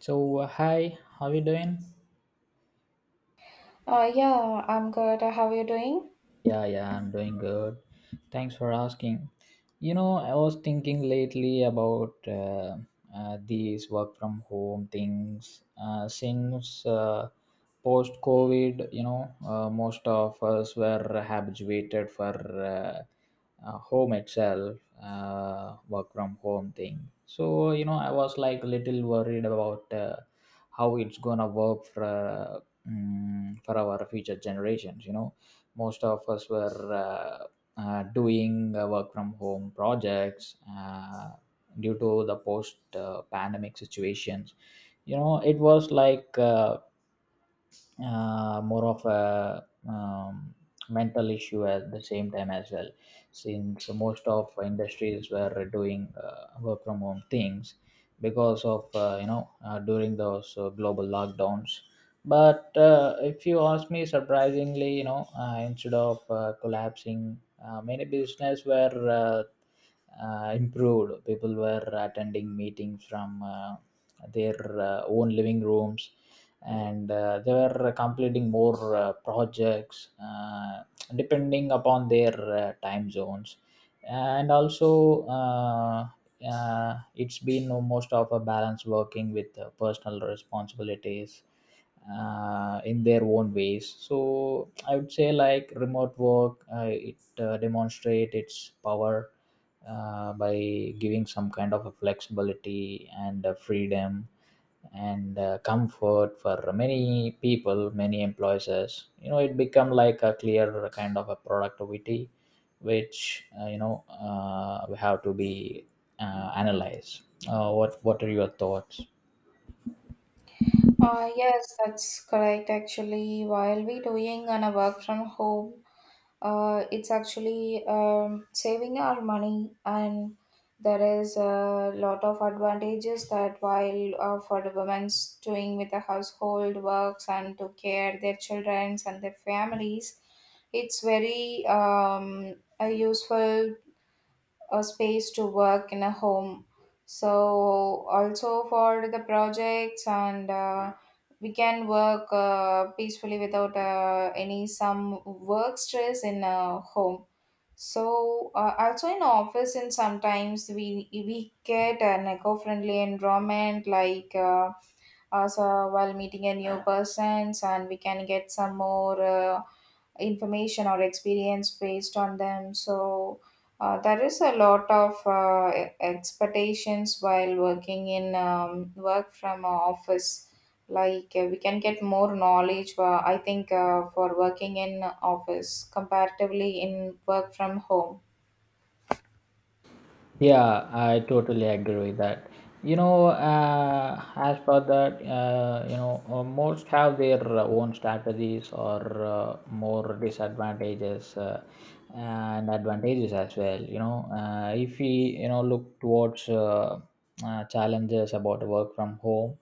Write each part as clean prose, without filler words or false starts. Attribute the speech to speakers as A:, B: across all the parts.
A: So, hi, how you doing?
B: Yeah, I'm good. How are you doing?
A: Yeah, yeah, I'm doing good. Thanks for asking. You know, I was thinking lately about these work from home things. Since post COVID, you know, most of us were habituated for home itself, work from home thing. So, you know, I was like little worried about how it's gonna work for our future generations. You know, most of us were uh, doing work from home projects, due to the post pandemic situations. You know, it was like more of a mental issue at the same time as well, since most of industries were doing work from home things because of, you know, during those global lockdowns. But if you ask me, surprisingly, you know, instead of collapsing, many business were improved. People were attending meetings from their own living rooms, and they were completing more projects, depending upon their time zones. And also, it's been most of a balance working with personal responsibilities in their own ways. So I would say, like, remote work, it demonstrate its power by giving some kind of a flexibility and freedom and comfort for many people, many employees. You know, it become like a clear kind of a productivity which, you know, we have to be analyzed. What are your thoughts?
B: Yes, that's correct. Actually, while we doing on a work from home, it's actually saving our money, and there is a lot of advantages that while for the women's doing with the household works and to care their childrens and their families, it's very useful a space to work in a home. So also for the projects, and we can work peacefully without any some work stress in a home. So also in office, and sometimes we get an eco-friendly environment, like also while meeting a new persons, and we can get some more information or experience based on them. So there is a lot of expectations while working in work from a office. Like we can get more knowledge. I think for working in office comparatively in work from home.
A: Yeah, I totally agree with that. You know, as for that, you know, most have their own strategies, or more disadvantages and advantages as well. You know, if we, you know, look towards challenges about work from home,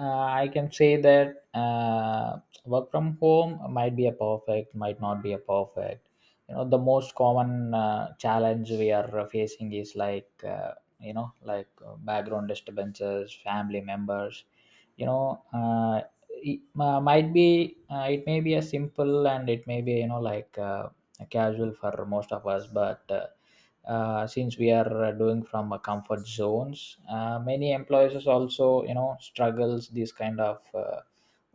A: uh, I can say that work from home might be a perfect, might not be a perfect. You know, the most common challenge we are facing is, like, you know, like, background disturbances, family members, you know. Uh, it might be. It may be a simple, and it may be, you know, like, a casual for most of us. But since we are doing from a comfort zones, many employers also, you know, struggles these kind of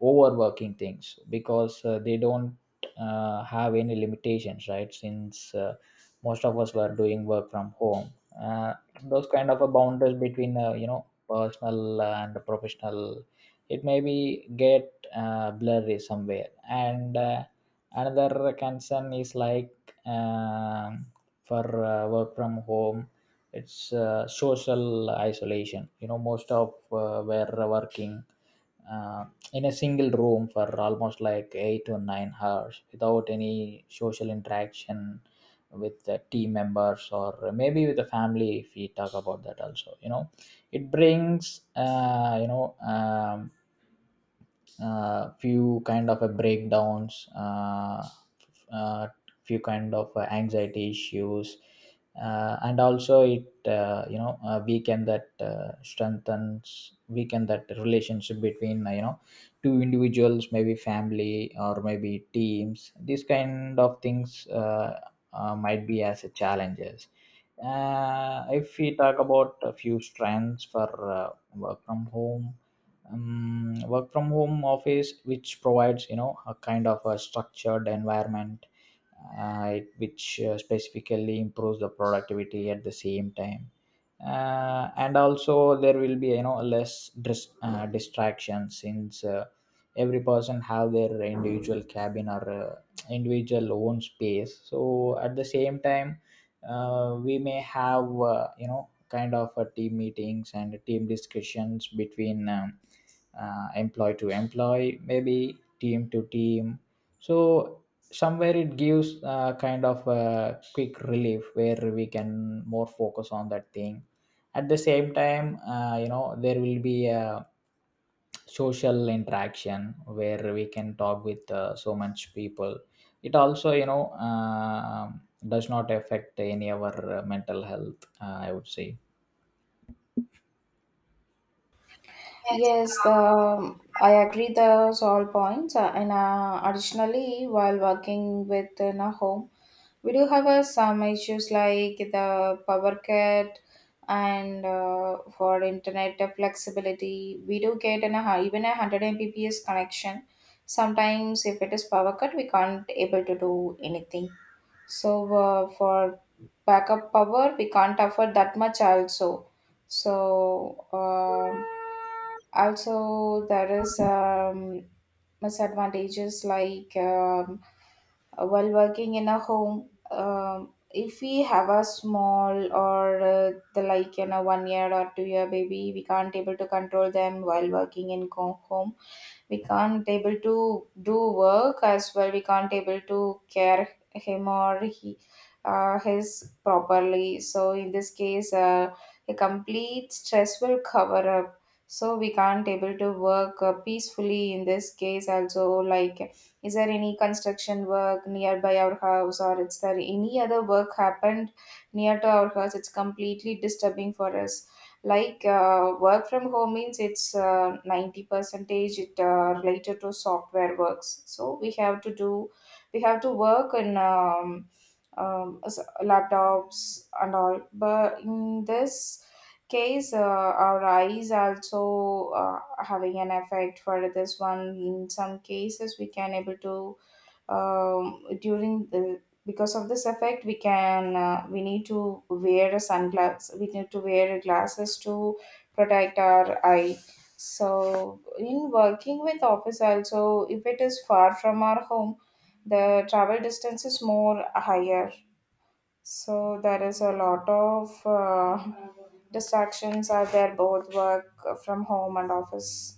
A: overworking things because they don't have any limitations, right? Since most of us were doing work from home, uh, those kind of a boundaries between, you know, personal and professional, it maybe get blurry somewhere. And another concern is like, um, for work from home, it's social isolation. You know, most of were working uh, in a single room for almost like 8 to 9 hours without any social interaction with the team members, or maybe with the family, if we talk about that also. You know, it brings you know few kind of a breakdowns, f- uh, few kind of anxiety issues. And also it you know weaken that, strengthens, weaken that relationship between, you know, two individuals, maybe family, or maybe teams. These kind of things might be as a challenges. If we talk about a few strengths for work from home, work from home office which provides, you know, a kind of a structured environment, which specifically improves the productivity at the same time. And also there will be, you know, less distraction, since every person have their individual cabin or individual own space. So at the same time we may have you know kind of team meetings and team discussions between employee to employee, maybe team to team, so somewhere it gives kind of a quick relief where we can more focus on that thing. At the same time, you know, there will be a social interaction where we can talk with so much people. It also, you know, does not affect any our mental health, I would say.
B: Yes, the I agree those all points. And additionally, while working within a home, we do have some issues like the power cut and for internet flexibility. We do get an, even a 100 Mbps connection. Sometimes, if it is power cut, we can't able to do anything. So for backup power, we can't afford that much also. So. Also there is misadvantages like while working in a home, if we have a small, or the like 1 year or 2 year baby. We can't able to control them while working in home. We can't able to do work as well. We can't able to care him or he, his properly. So in this case a complete stress will cover up. So we can't able to work peacefully in this case also. Like, is there any construction work nearby our house, or is there any other work happened near to our house? It's completely disturbing for us. Like work from home means it's 90 percentage it related to software works, so we have to work in laptops and all. But in this case our eyes also having an effect for this one. In some cases we can able to during the because of this effect, we need to wear a sunglass. We need to wear glasses to protect our eye. So in working with office also, if it is far from our home, the travel distance is more higher, so there is a lot of distractions are there, both work from home and office.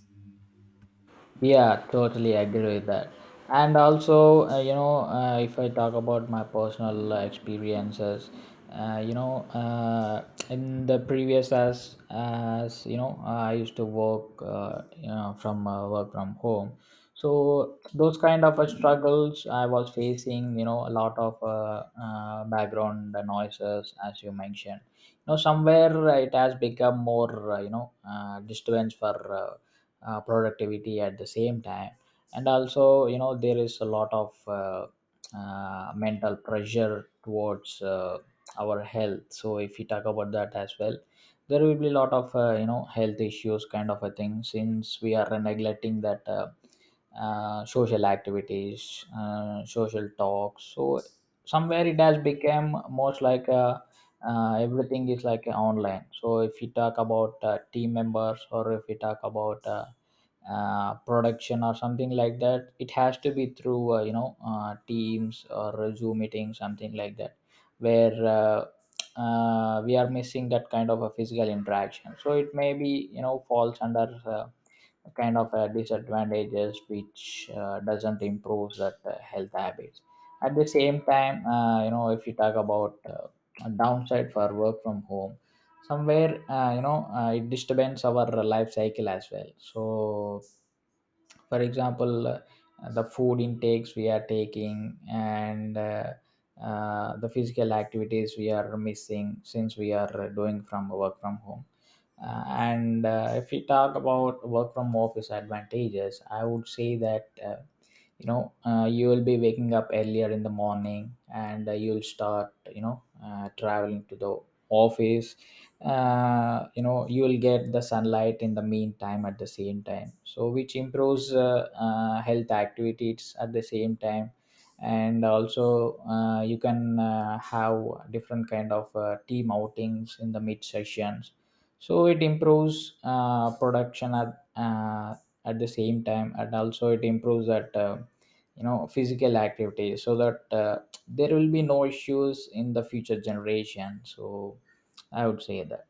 A: Yeah, totally agree with that. And also, you know, if I talk about my personal experiences, you know, in the previous, as you know, I used to work, you know, from work from home. So those kind of struggles I was facing, you know, a lot of background noises, as you mentioned. You know, somewhere it has become more, you know, disturbance for productivity at the same time. And also, you know, there is a lot of mental pressure towards our health. So if we talk about that as well, there will be a lot of, you know, health issues kind of a thing, since we are neglecting that social activities, social talks. So somewhere it has become most like a everything is like online. So if you talk about team members, or if you talk about production or something like that, it has to be through, you know, teams or a Zoom meeting, something like that, where we are missing that kind of a physical interaction. So it may be, you know, falls under kind of disadvantages which doesn't improve that health habits. At the same time, you know, if you talk about a downside for work from home, somewhere you know it disturbs our life cycle as well. So for example, the food intakes we are taking, and the physical activities we are missing since we are doing from work from home. uh, and if we talk about work from office advantages, I would say that you know, you will be waking up earlier in the morning, and you'll start, you know, traveling to the office. You know, you will get the sunlight in the meantime, at the same time, so which improves health activities at the same time, and also you can have different kind of team outings in the mid sessions. So it improves production at the same time, and also it improves that, you know, physical activity, so that there will be no issues in the future generation. So I would say that.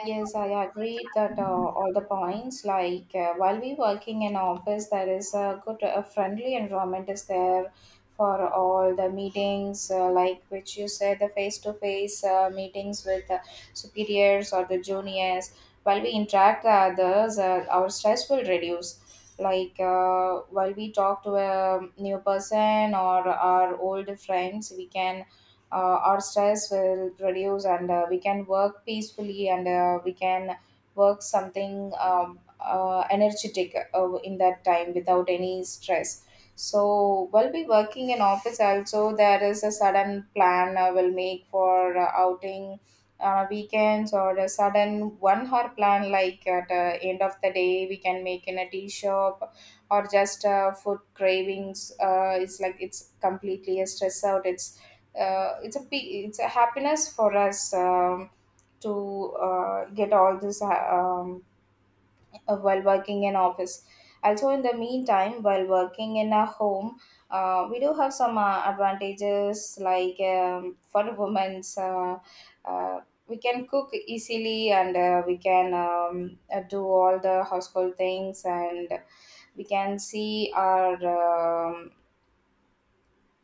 B: Yes, I agree that all the points. Like while we working in office, there is a friendly environment is there for all the meetings. Like which you said, the face-to-face meetings with the superiors or the juniors. While we interact with others, our stress will reduce. Like while we talk to a new person or our old friends, we can our stress will reduce, and we can work peacefully, and we can work something energetic in that time without any stress. So while we working in office also, there is a sudden plan I will make for outing weekends, or a sudden 1 hour plan, like at the end of the day we can make in a tea shop, or just food cravings. It's like it's completely a stress out. It's a happiness for us to get all this um, while working in office. Also, in the meantime, while working in a home, we do have some advantages like for women's. Uh, we can cook easily, and we can do all the household things, and we can see our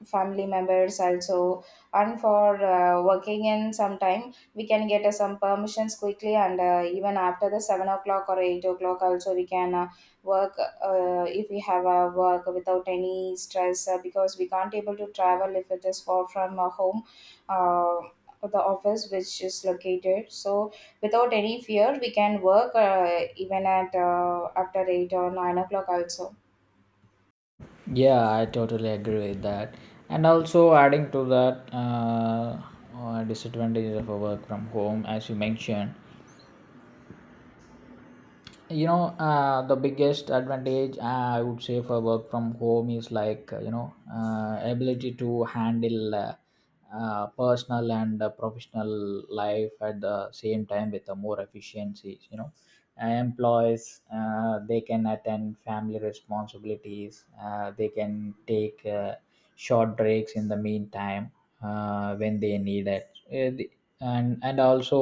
B: family members also. And for working in some time, we can get some permissions quickly, and even after the 7 o'clock or 8 o'clock also, we can work if we have a work without any stress, because we can't able to travel if it is far from home, uh, the office which is located. So without any fear we can work even at after 8 or 9 o'clock also.
A: Yeah, I totally agree with that. And also, adding to that, disadvantages of a work from home, as you mentioned, you know, the biggest advantage, I would say, for work from home is, like, you know, ability to handle personal and professional life at the same time with a more efficiency, you know. Employees, they can attend family responsibilities, they can take short breaks in the meantime when they need it. Uh, the- and also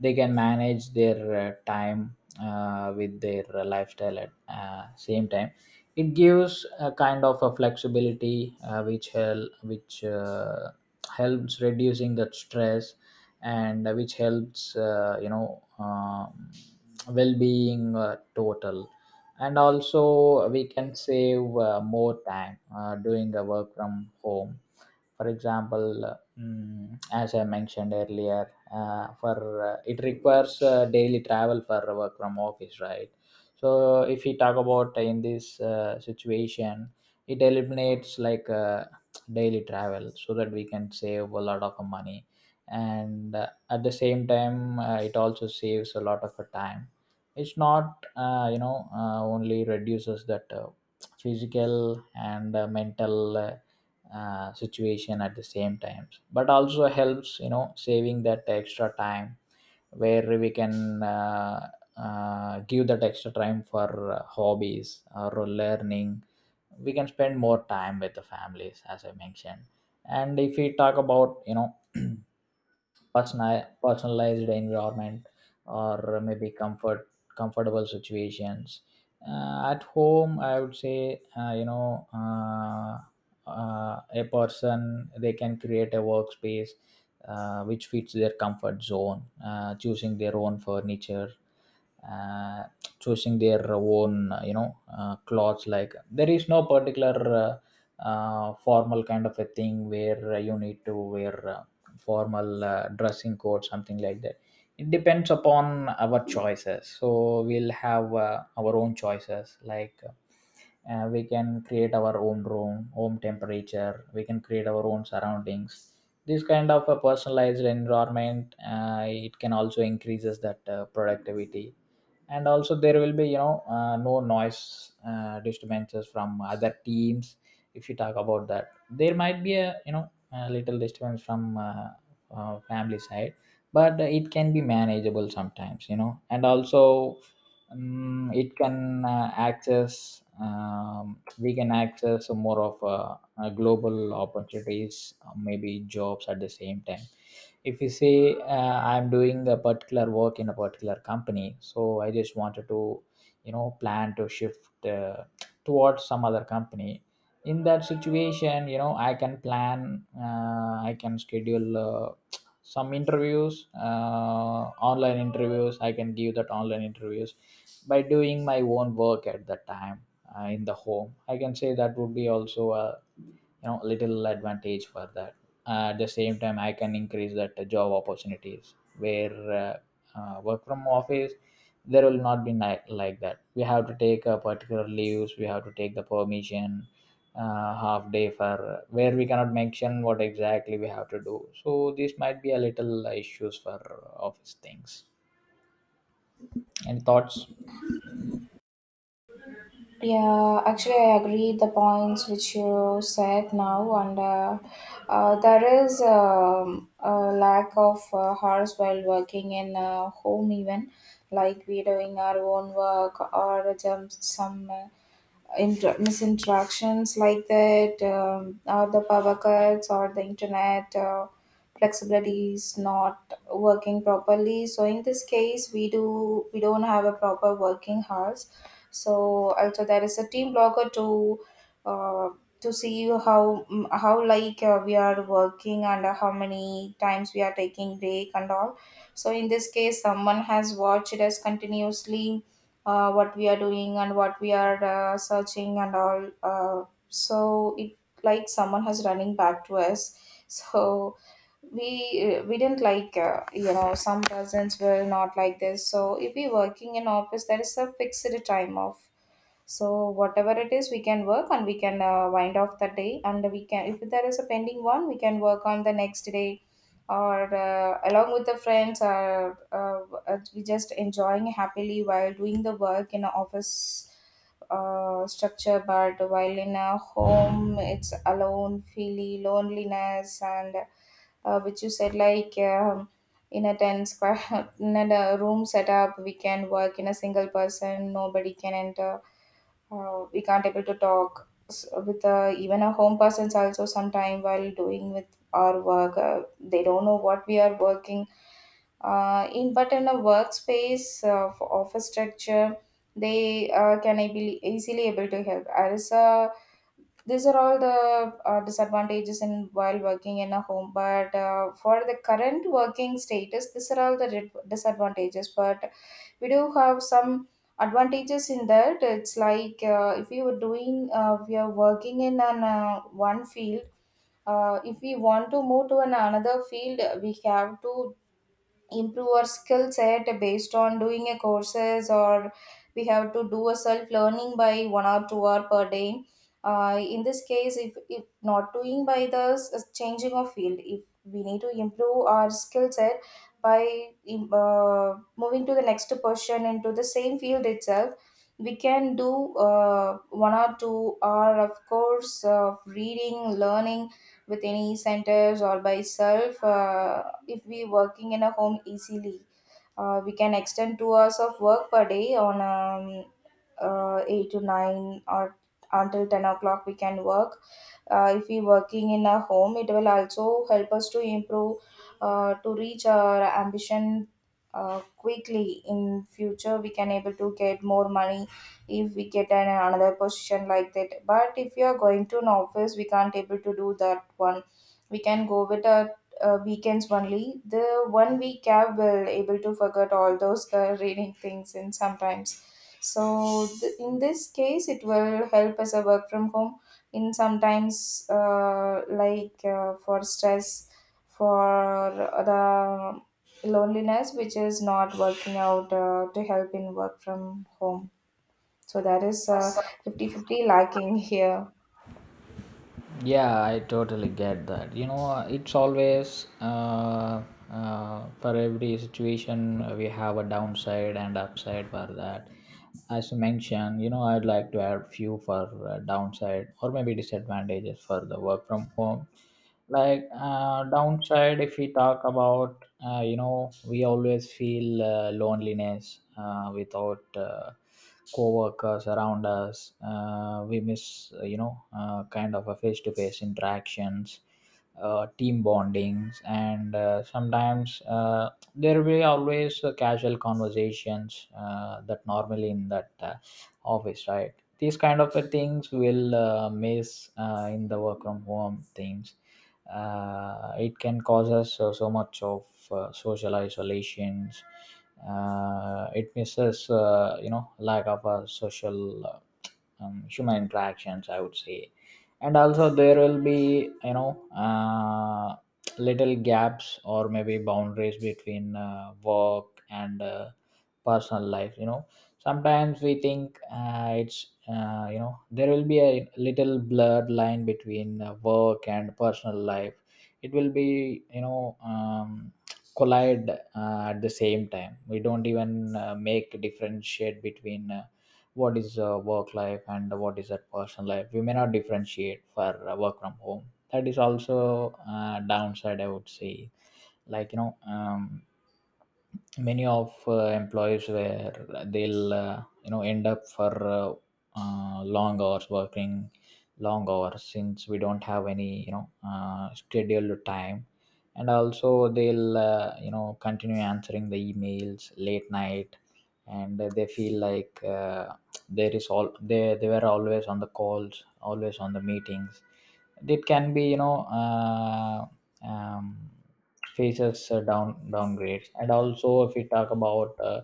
A: they can manage their time with their lifestyle at same time. It gives a kind of a flexibility, which helps reducing the stress, and which helps, you know, well-being, total. And also we can save more time doing the work from home. For example, as I mentioned earlier, for it requires daily travel for work from office, right? So if we talk about in this situation, it eliminates like daily travel, so that we can save a lot of money. And at the same time, it also saves a lot of time. It's not you know only reduces that physical and mental situation at the same times, but also helps, you know, saving that extra time, where we can give that extra time for hobbies or learning. We can spend more time with the families, as I mentioned. And if we talk about, you know, personalized environment, or maybe comfortable situations at home, I would say you know, a person, they can create a workspace which fits their comfort zone, choosing their own furniture, uh, choosing their own, you know, clothes. Like there is no particular uh, formal kind of a thing where you need to wear formal dressing code, something like that. It depends upon our choices, so we'll have our own choices, like we can create our own room home temperature, we can create our own surroundings. This kind of a personalized environment, it can also increases that productivity. And also, there will be, you know, no noise disturbances from other teams, if you talk about that there might be a you know a little disturbance from family side, but it can be manageable sometimes, and also, it can access, we can access more of global opportunities, maybe jobs at the same time. If you say, I'm doing a particular work in a particular company, so I just wanted to, plan to shift, towards some other company. In that situation, I can plan, I can schedule, some interviews, online interviews. I can give that online interviews by doing my own work at the time, in the home, I can say that would be also a little advantage for that. At the same time, I can increase that, job opportunities where, work from office, there will not be like that. We have to take a particular leaves, we have to take the permission, half day for where we cannot mention what exactly we have to do, so this might be a little, issues for office things. Any thoughts?
B: Yeah, actually, I agree the points which you said now, and there is a lack of hours while working in home even, like we doing our own work, or misinteractions like that, or the power cuts, or the internet flexibility is not working properly. So in this case, we don't have a proper working hours. So also there is a team blogger uh, to see how, like we are working, and how many times we are taking break and all. So in this case, someone has watched us continuously, what we are doing and what we are searching and all. So it like someone has running back to us. So we didn't like some persons were not like this. So if we working in office there is a fixed time off. So whatever it is, we can work, and we can wind off the day, and we can, if there is a pending one, we can work on the next day, or along with the friends, or we just enjoying happily while doing the work in a office structure. But while in a home it's alone, feeling loneliness. And which you said, like in a 10 square in a room setup, we can work in a single person, nobody can enter. We can't able to talk with even a home persons also sometime while doing with our work, they don't know what we are working in. But in a workspace, for office structure, they can able, easily able to help as a. These are all the disadvantages in while working in a home. But for the current working status, these are all the disadvantages. But we do have some advantages in that. It's like if you were doing we are working in an one field. If we want to move to an another field, we have to improve our skill set based on doing a courses, or we have to do a self learning by 1 or 2 hour per day. In this case, if not doing by the changing of field, if we need to improve our skill set by moving to the next person into the same field itself, we can do 1 or 2 hour of course of reading learning with any centers, or by self. If we working in a home easily. We can extend 2 hours of work per day on 8 to 9, or until 10 o'clock we can work, if we working in a home. It will also help us to improve to reach our ambition quickly. In future we can able to get more money if we get an, another position like that. But if you are going to an office, we can't able to do that one. We can go with a weekends only. The 1 week gap will able to forget all those reading things and sometimes. So in this case, it will help us a work from home in sometimes, like for stress, for the loneliness, which is not working out to help in work from home. So that is fifty-fifty lacking here.
A: Yeah, I totally get that, it's always, for every situation, we have a downside and upside for that. As you mentioned, I'd like to add few for, downside or maybe disadvantages for the work from home. Like, downside, if we talk about, we always feel, loneliness, without, co-workers around us. We miss, kind of a face-to-face interactions, team bondings. And, sometimes, there will be always, casual conversations, that normally in that, office, right? These kind of, things will, miss, in the work from home things. It can cause us, so much of, social isolations. It misses, lack of a social, human interactions, I would say. And also, there will be, you know uh, little gaps or maybe boundaries between, work and, personal life. Sometimes we think, it's, there will be a little blurred line between, work and personal life. It will be, collide, at the same time. We don't even, make differentiate between, what is, work life and what is that personal life. We may not differentiate for, work from home. That is also a downside, I would say. Like, many of, employees where they'll, end up for, long hours working, long hours, since we don't have any, scheduled time. And also, they'll, continue answering the emails late night, and they feel like, there is all, they were always on the calls, always on the meetings. It can be, um, faces, downgrades. And also, if we talk about,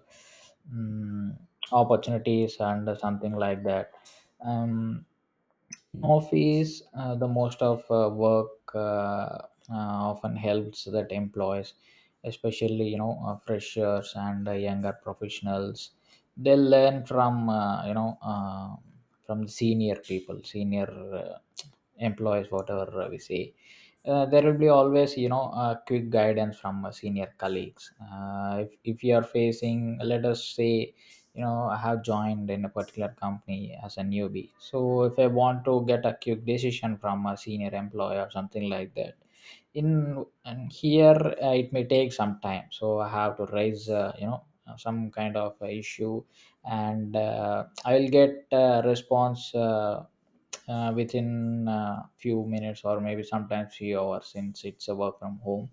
A: mm, opportunities and something like that, um, office, the most of, work, uh, often helps that employees, especially, freshers and, younger professionals. They learn from, from the senior people, senior, uh, employees, whatever, we say. There will be always, a quick guidance from, senior colleagues. If you are facing, let us say, I have joined in a particular company as a newbie, so if I want to get a quick decision from a senior employee or something like that. In, and here, it may take some time, so I have to raise, some kind of, issue, and, I will get a response, within, few minutes or maybe sometimes few hours, since it's a work from home.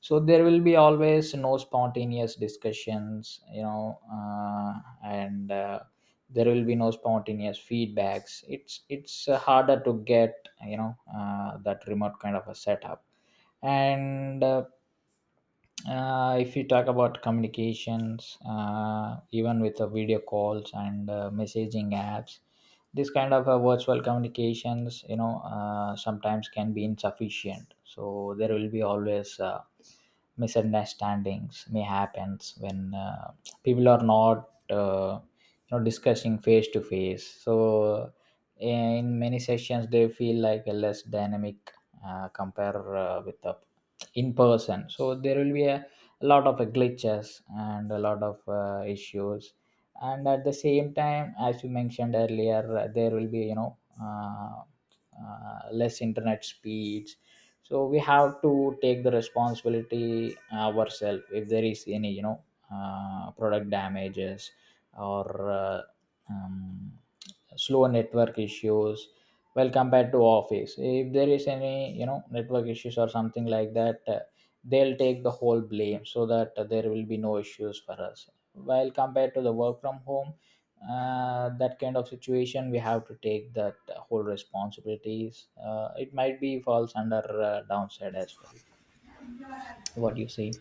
A: So there will be always no spontaneous discussions, and, there will be no spontaneous feedbacks. It's, harder to get, that remote kind of a setup. And, if you talk about communications, even with the video calls and, messaging apps, this kind of, virtual communications, sometimes can be insufficient. So there will be always, misunderstandings may happens when, people are not, discussing face to face. So in many sessions they feel like a less dynamic, compare, with the in person. So there will be a lot of, glitches and a lot of, issues. And at the same time, as you mentioned earlier, there will be, less internet speeds. So we have to take the responsibility, ourselves if there is any, product damages, or, um, slow network issues. Well, compared to office, if there is any, network issues or something like that, they'll take the whole blame. So that, there will be no issues for us while compared to the work from home. That kind of situation, we have to take that, whole responsibilities. It might be falls under, downside as well. What do you say?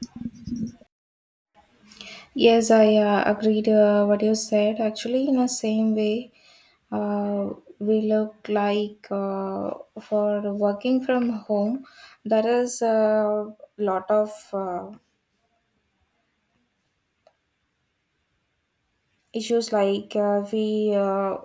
B: Yes, I agreed what you said. Actually, in the same way, uh, we look like for working from home, there is a lot of issues like uh, we uh,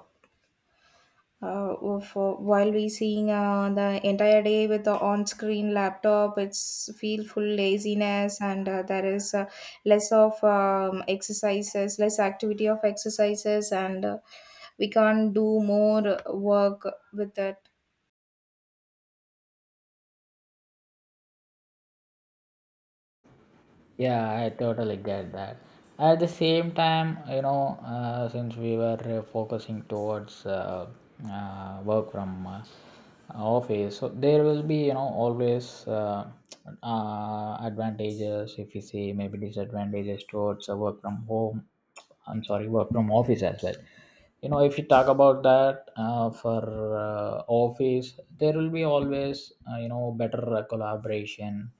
B: uh, oh, for while we seeing the entire day with the on-screen laptop, it's feel full laziness, and there is less of exercises, less activity of exercises, and we can't do more work with that.
A: Yeah, I totally get that. At the same time, since we were, focusing towards, work from, office, so there will be, always, advantages, if you see, maybe disadvantages towards, work from home. I'm sorry, work from office as well. If you talk about that, for, office, there will be always, better, collaboration,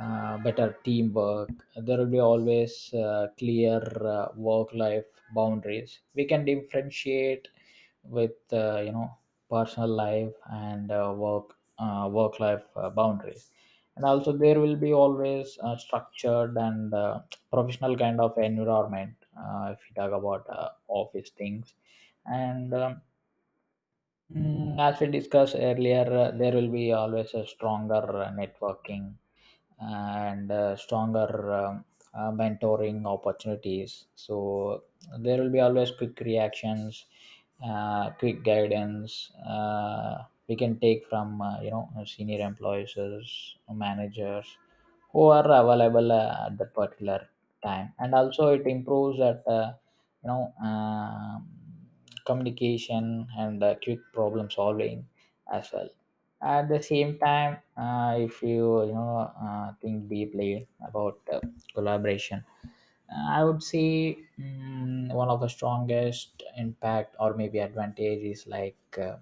A: better teamwork. There will be always, clear, work-life boundaries. We can differentiate with, personal life and, work, work-life, boundaries. And also, there will be always a structured and, professional kind of environment, if you talk about, office things. And, as we discussed earlier, there will be always a stronger, networking and, stronger, mentoring opportunities. So there will be always quick reactions, quick guidance. We can take from, senior employees, managers who are available, at that particular time, and also it improves that, you know um communication and, quick problem solving as well. At the same time, if you, you know think deeply about, collaboration, I would say, one of the strongest impact or maybe advantage is like,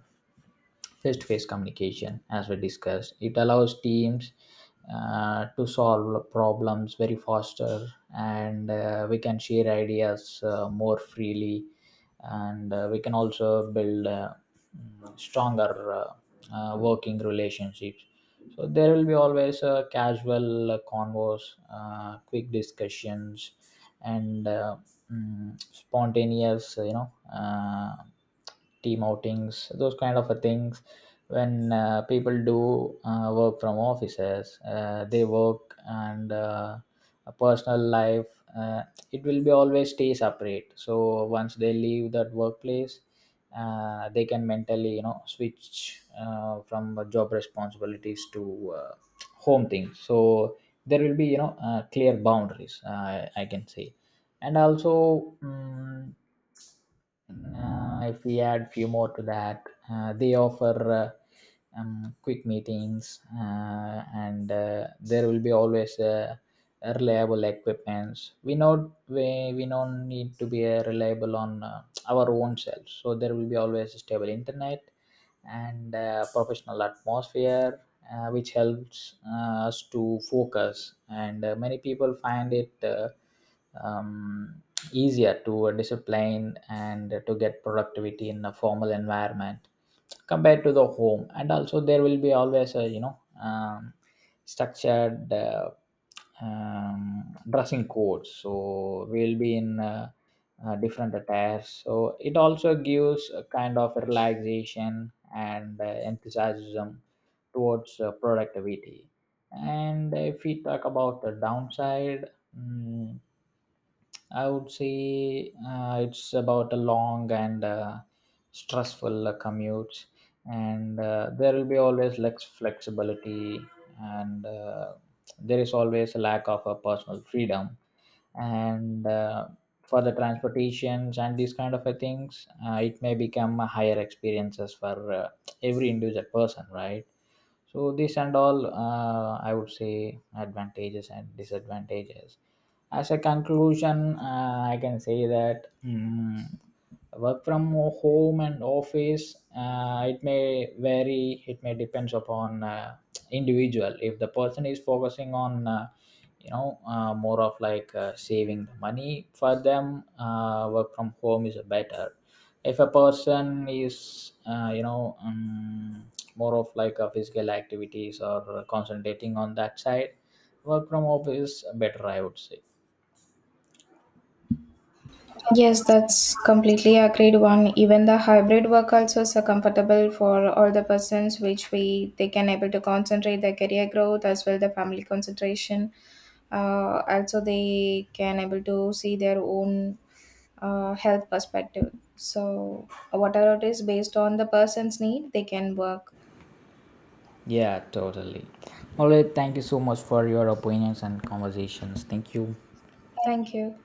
A: face-to-face communication. As we discussed, it allows teams, to solve problems very faster, and, we can share ideas, more freely, and, we can also build, stronger, working relationships. So there will be always a casual, converse, quick discussions, and, spontaneous, team outings, those kind of a things. When, people do, work from offices, they work and, a personal life, it will be always stay separate. So once they leave that workplace, they can mentally, switch, from the job responsibilities to, home things. So there will be, clear boundaries, I can say. And also, if we add few more to that, they offer, uh, quick meetings, and, there will be always a reliable equipments we not, we don't need to be, reliable on, our own selves. So there will be always a stable internet and, professional atmosphere, which helps, us to focus, and, many people find it, um, easier to discipline and to get productivity in a formal environment compared to the home. And also, there will be always a, um, structured, dressing codes. So we'll be in, different attires. So it also gives a kind of relaxation and, enthusiasm towards, productivity. And if we talk about the downside, mm, I would say, it's about a long and, stressful, commutes. And, there will be always less flexibility, and, there is always a lack of a personal freedom. And, for the transportations and these kind of a things, it may become a higher experiences for, every individual person, right? So this and all, I would say advantages and disadvantages. As a conclusion, I can say that, work from home and office, it may vary, it may depends upon, individual. If the person is focusing on, more of like, saving the money for them, work from home is better. If a person is, more of like a physical activities or concentrating on that side, work from home is better, I would say.
B: Yes, that's completely agreed one. Even the hybrid work also is comfortable for all the persons which we they can able to concentrate their career growth as well the family concentration. Also they can able to see their own health perspective. So whatever it is based on the person's need, they can work.
A: Yeah, totally. All right, thank you so much for your opinions and conversations. Thank you.
B: Thank you.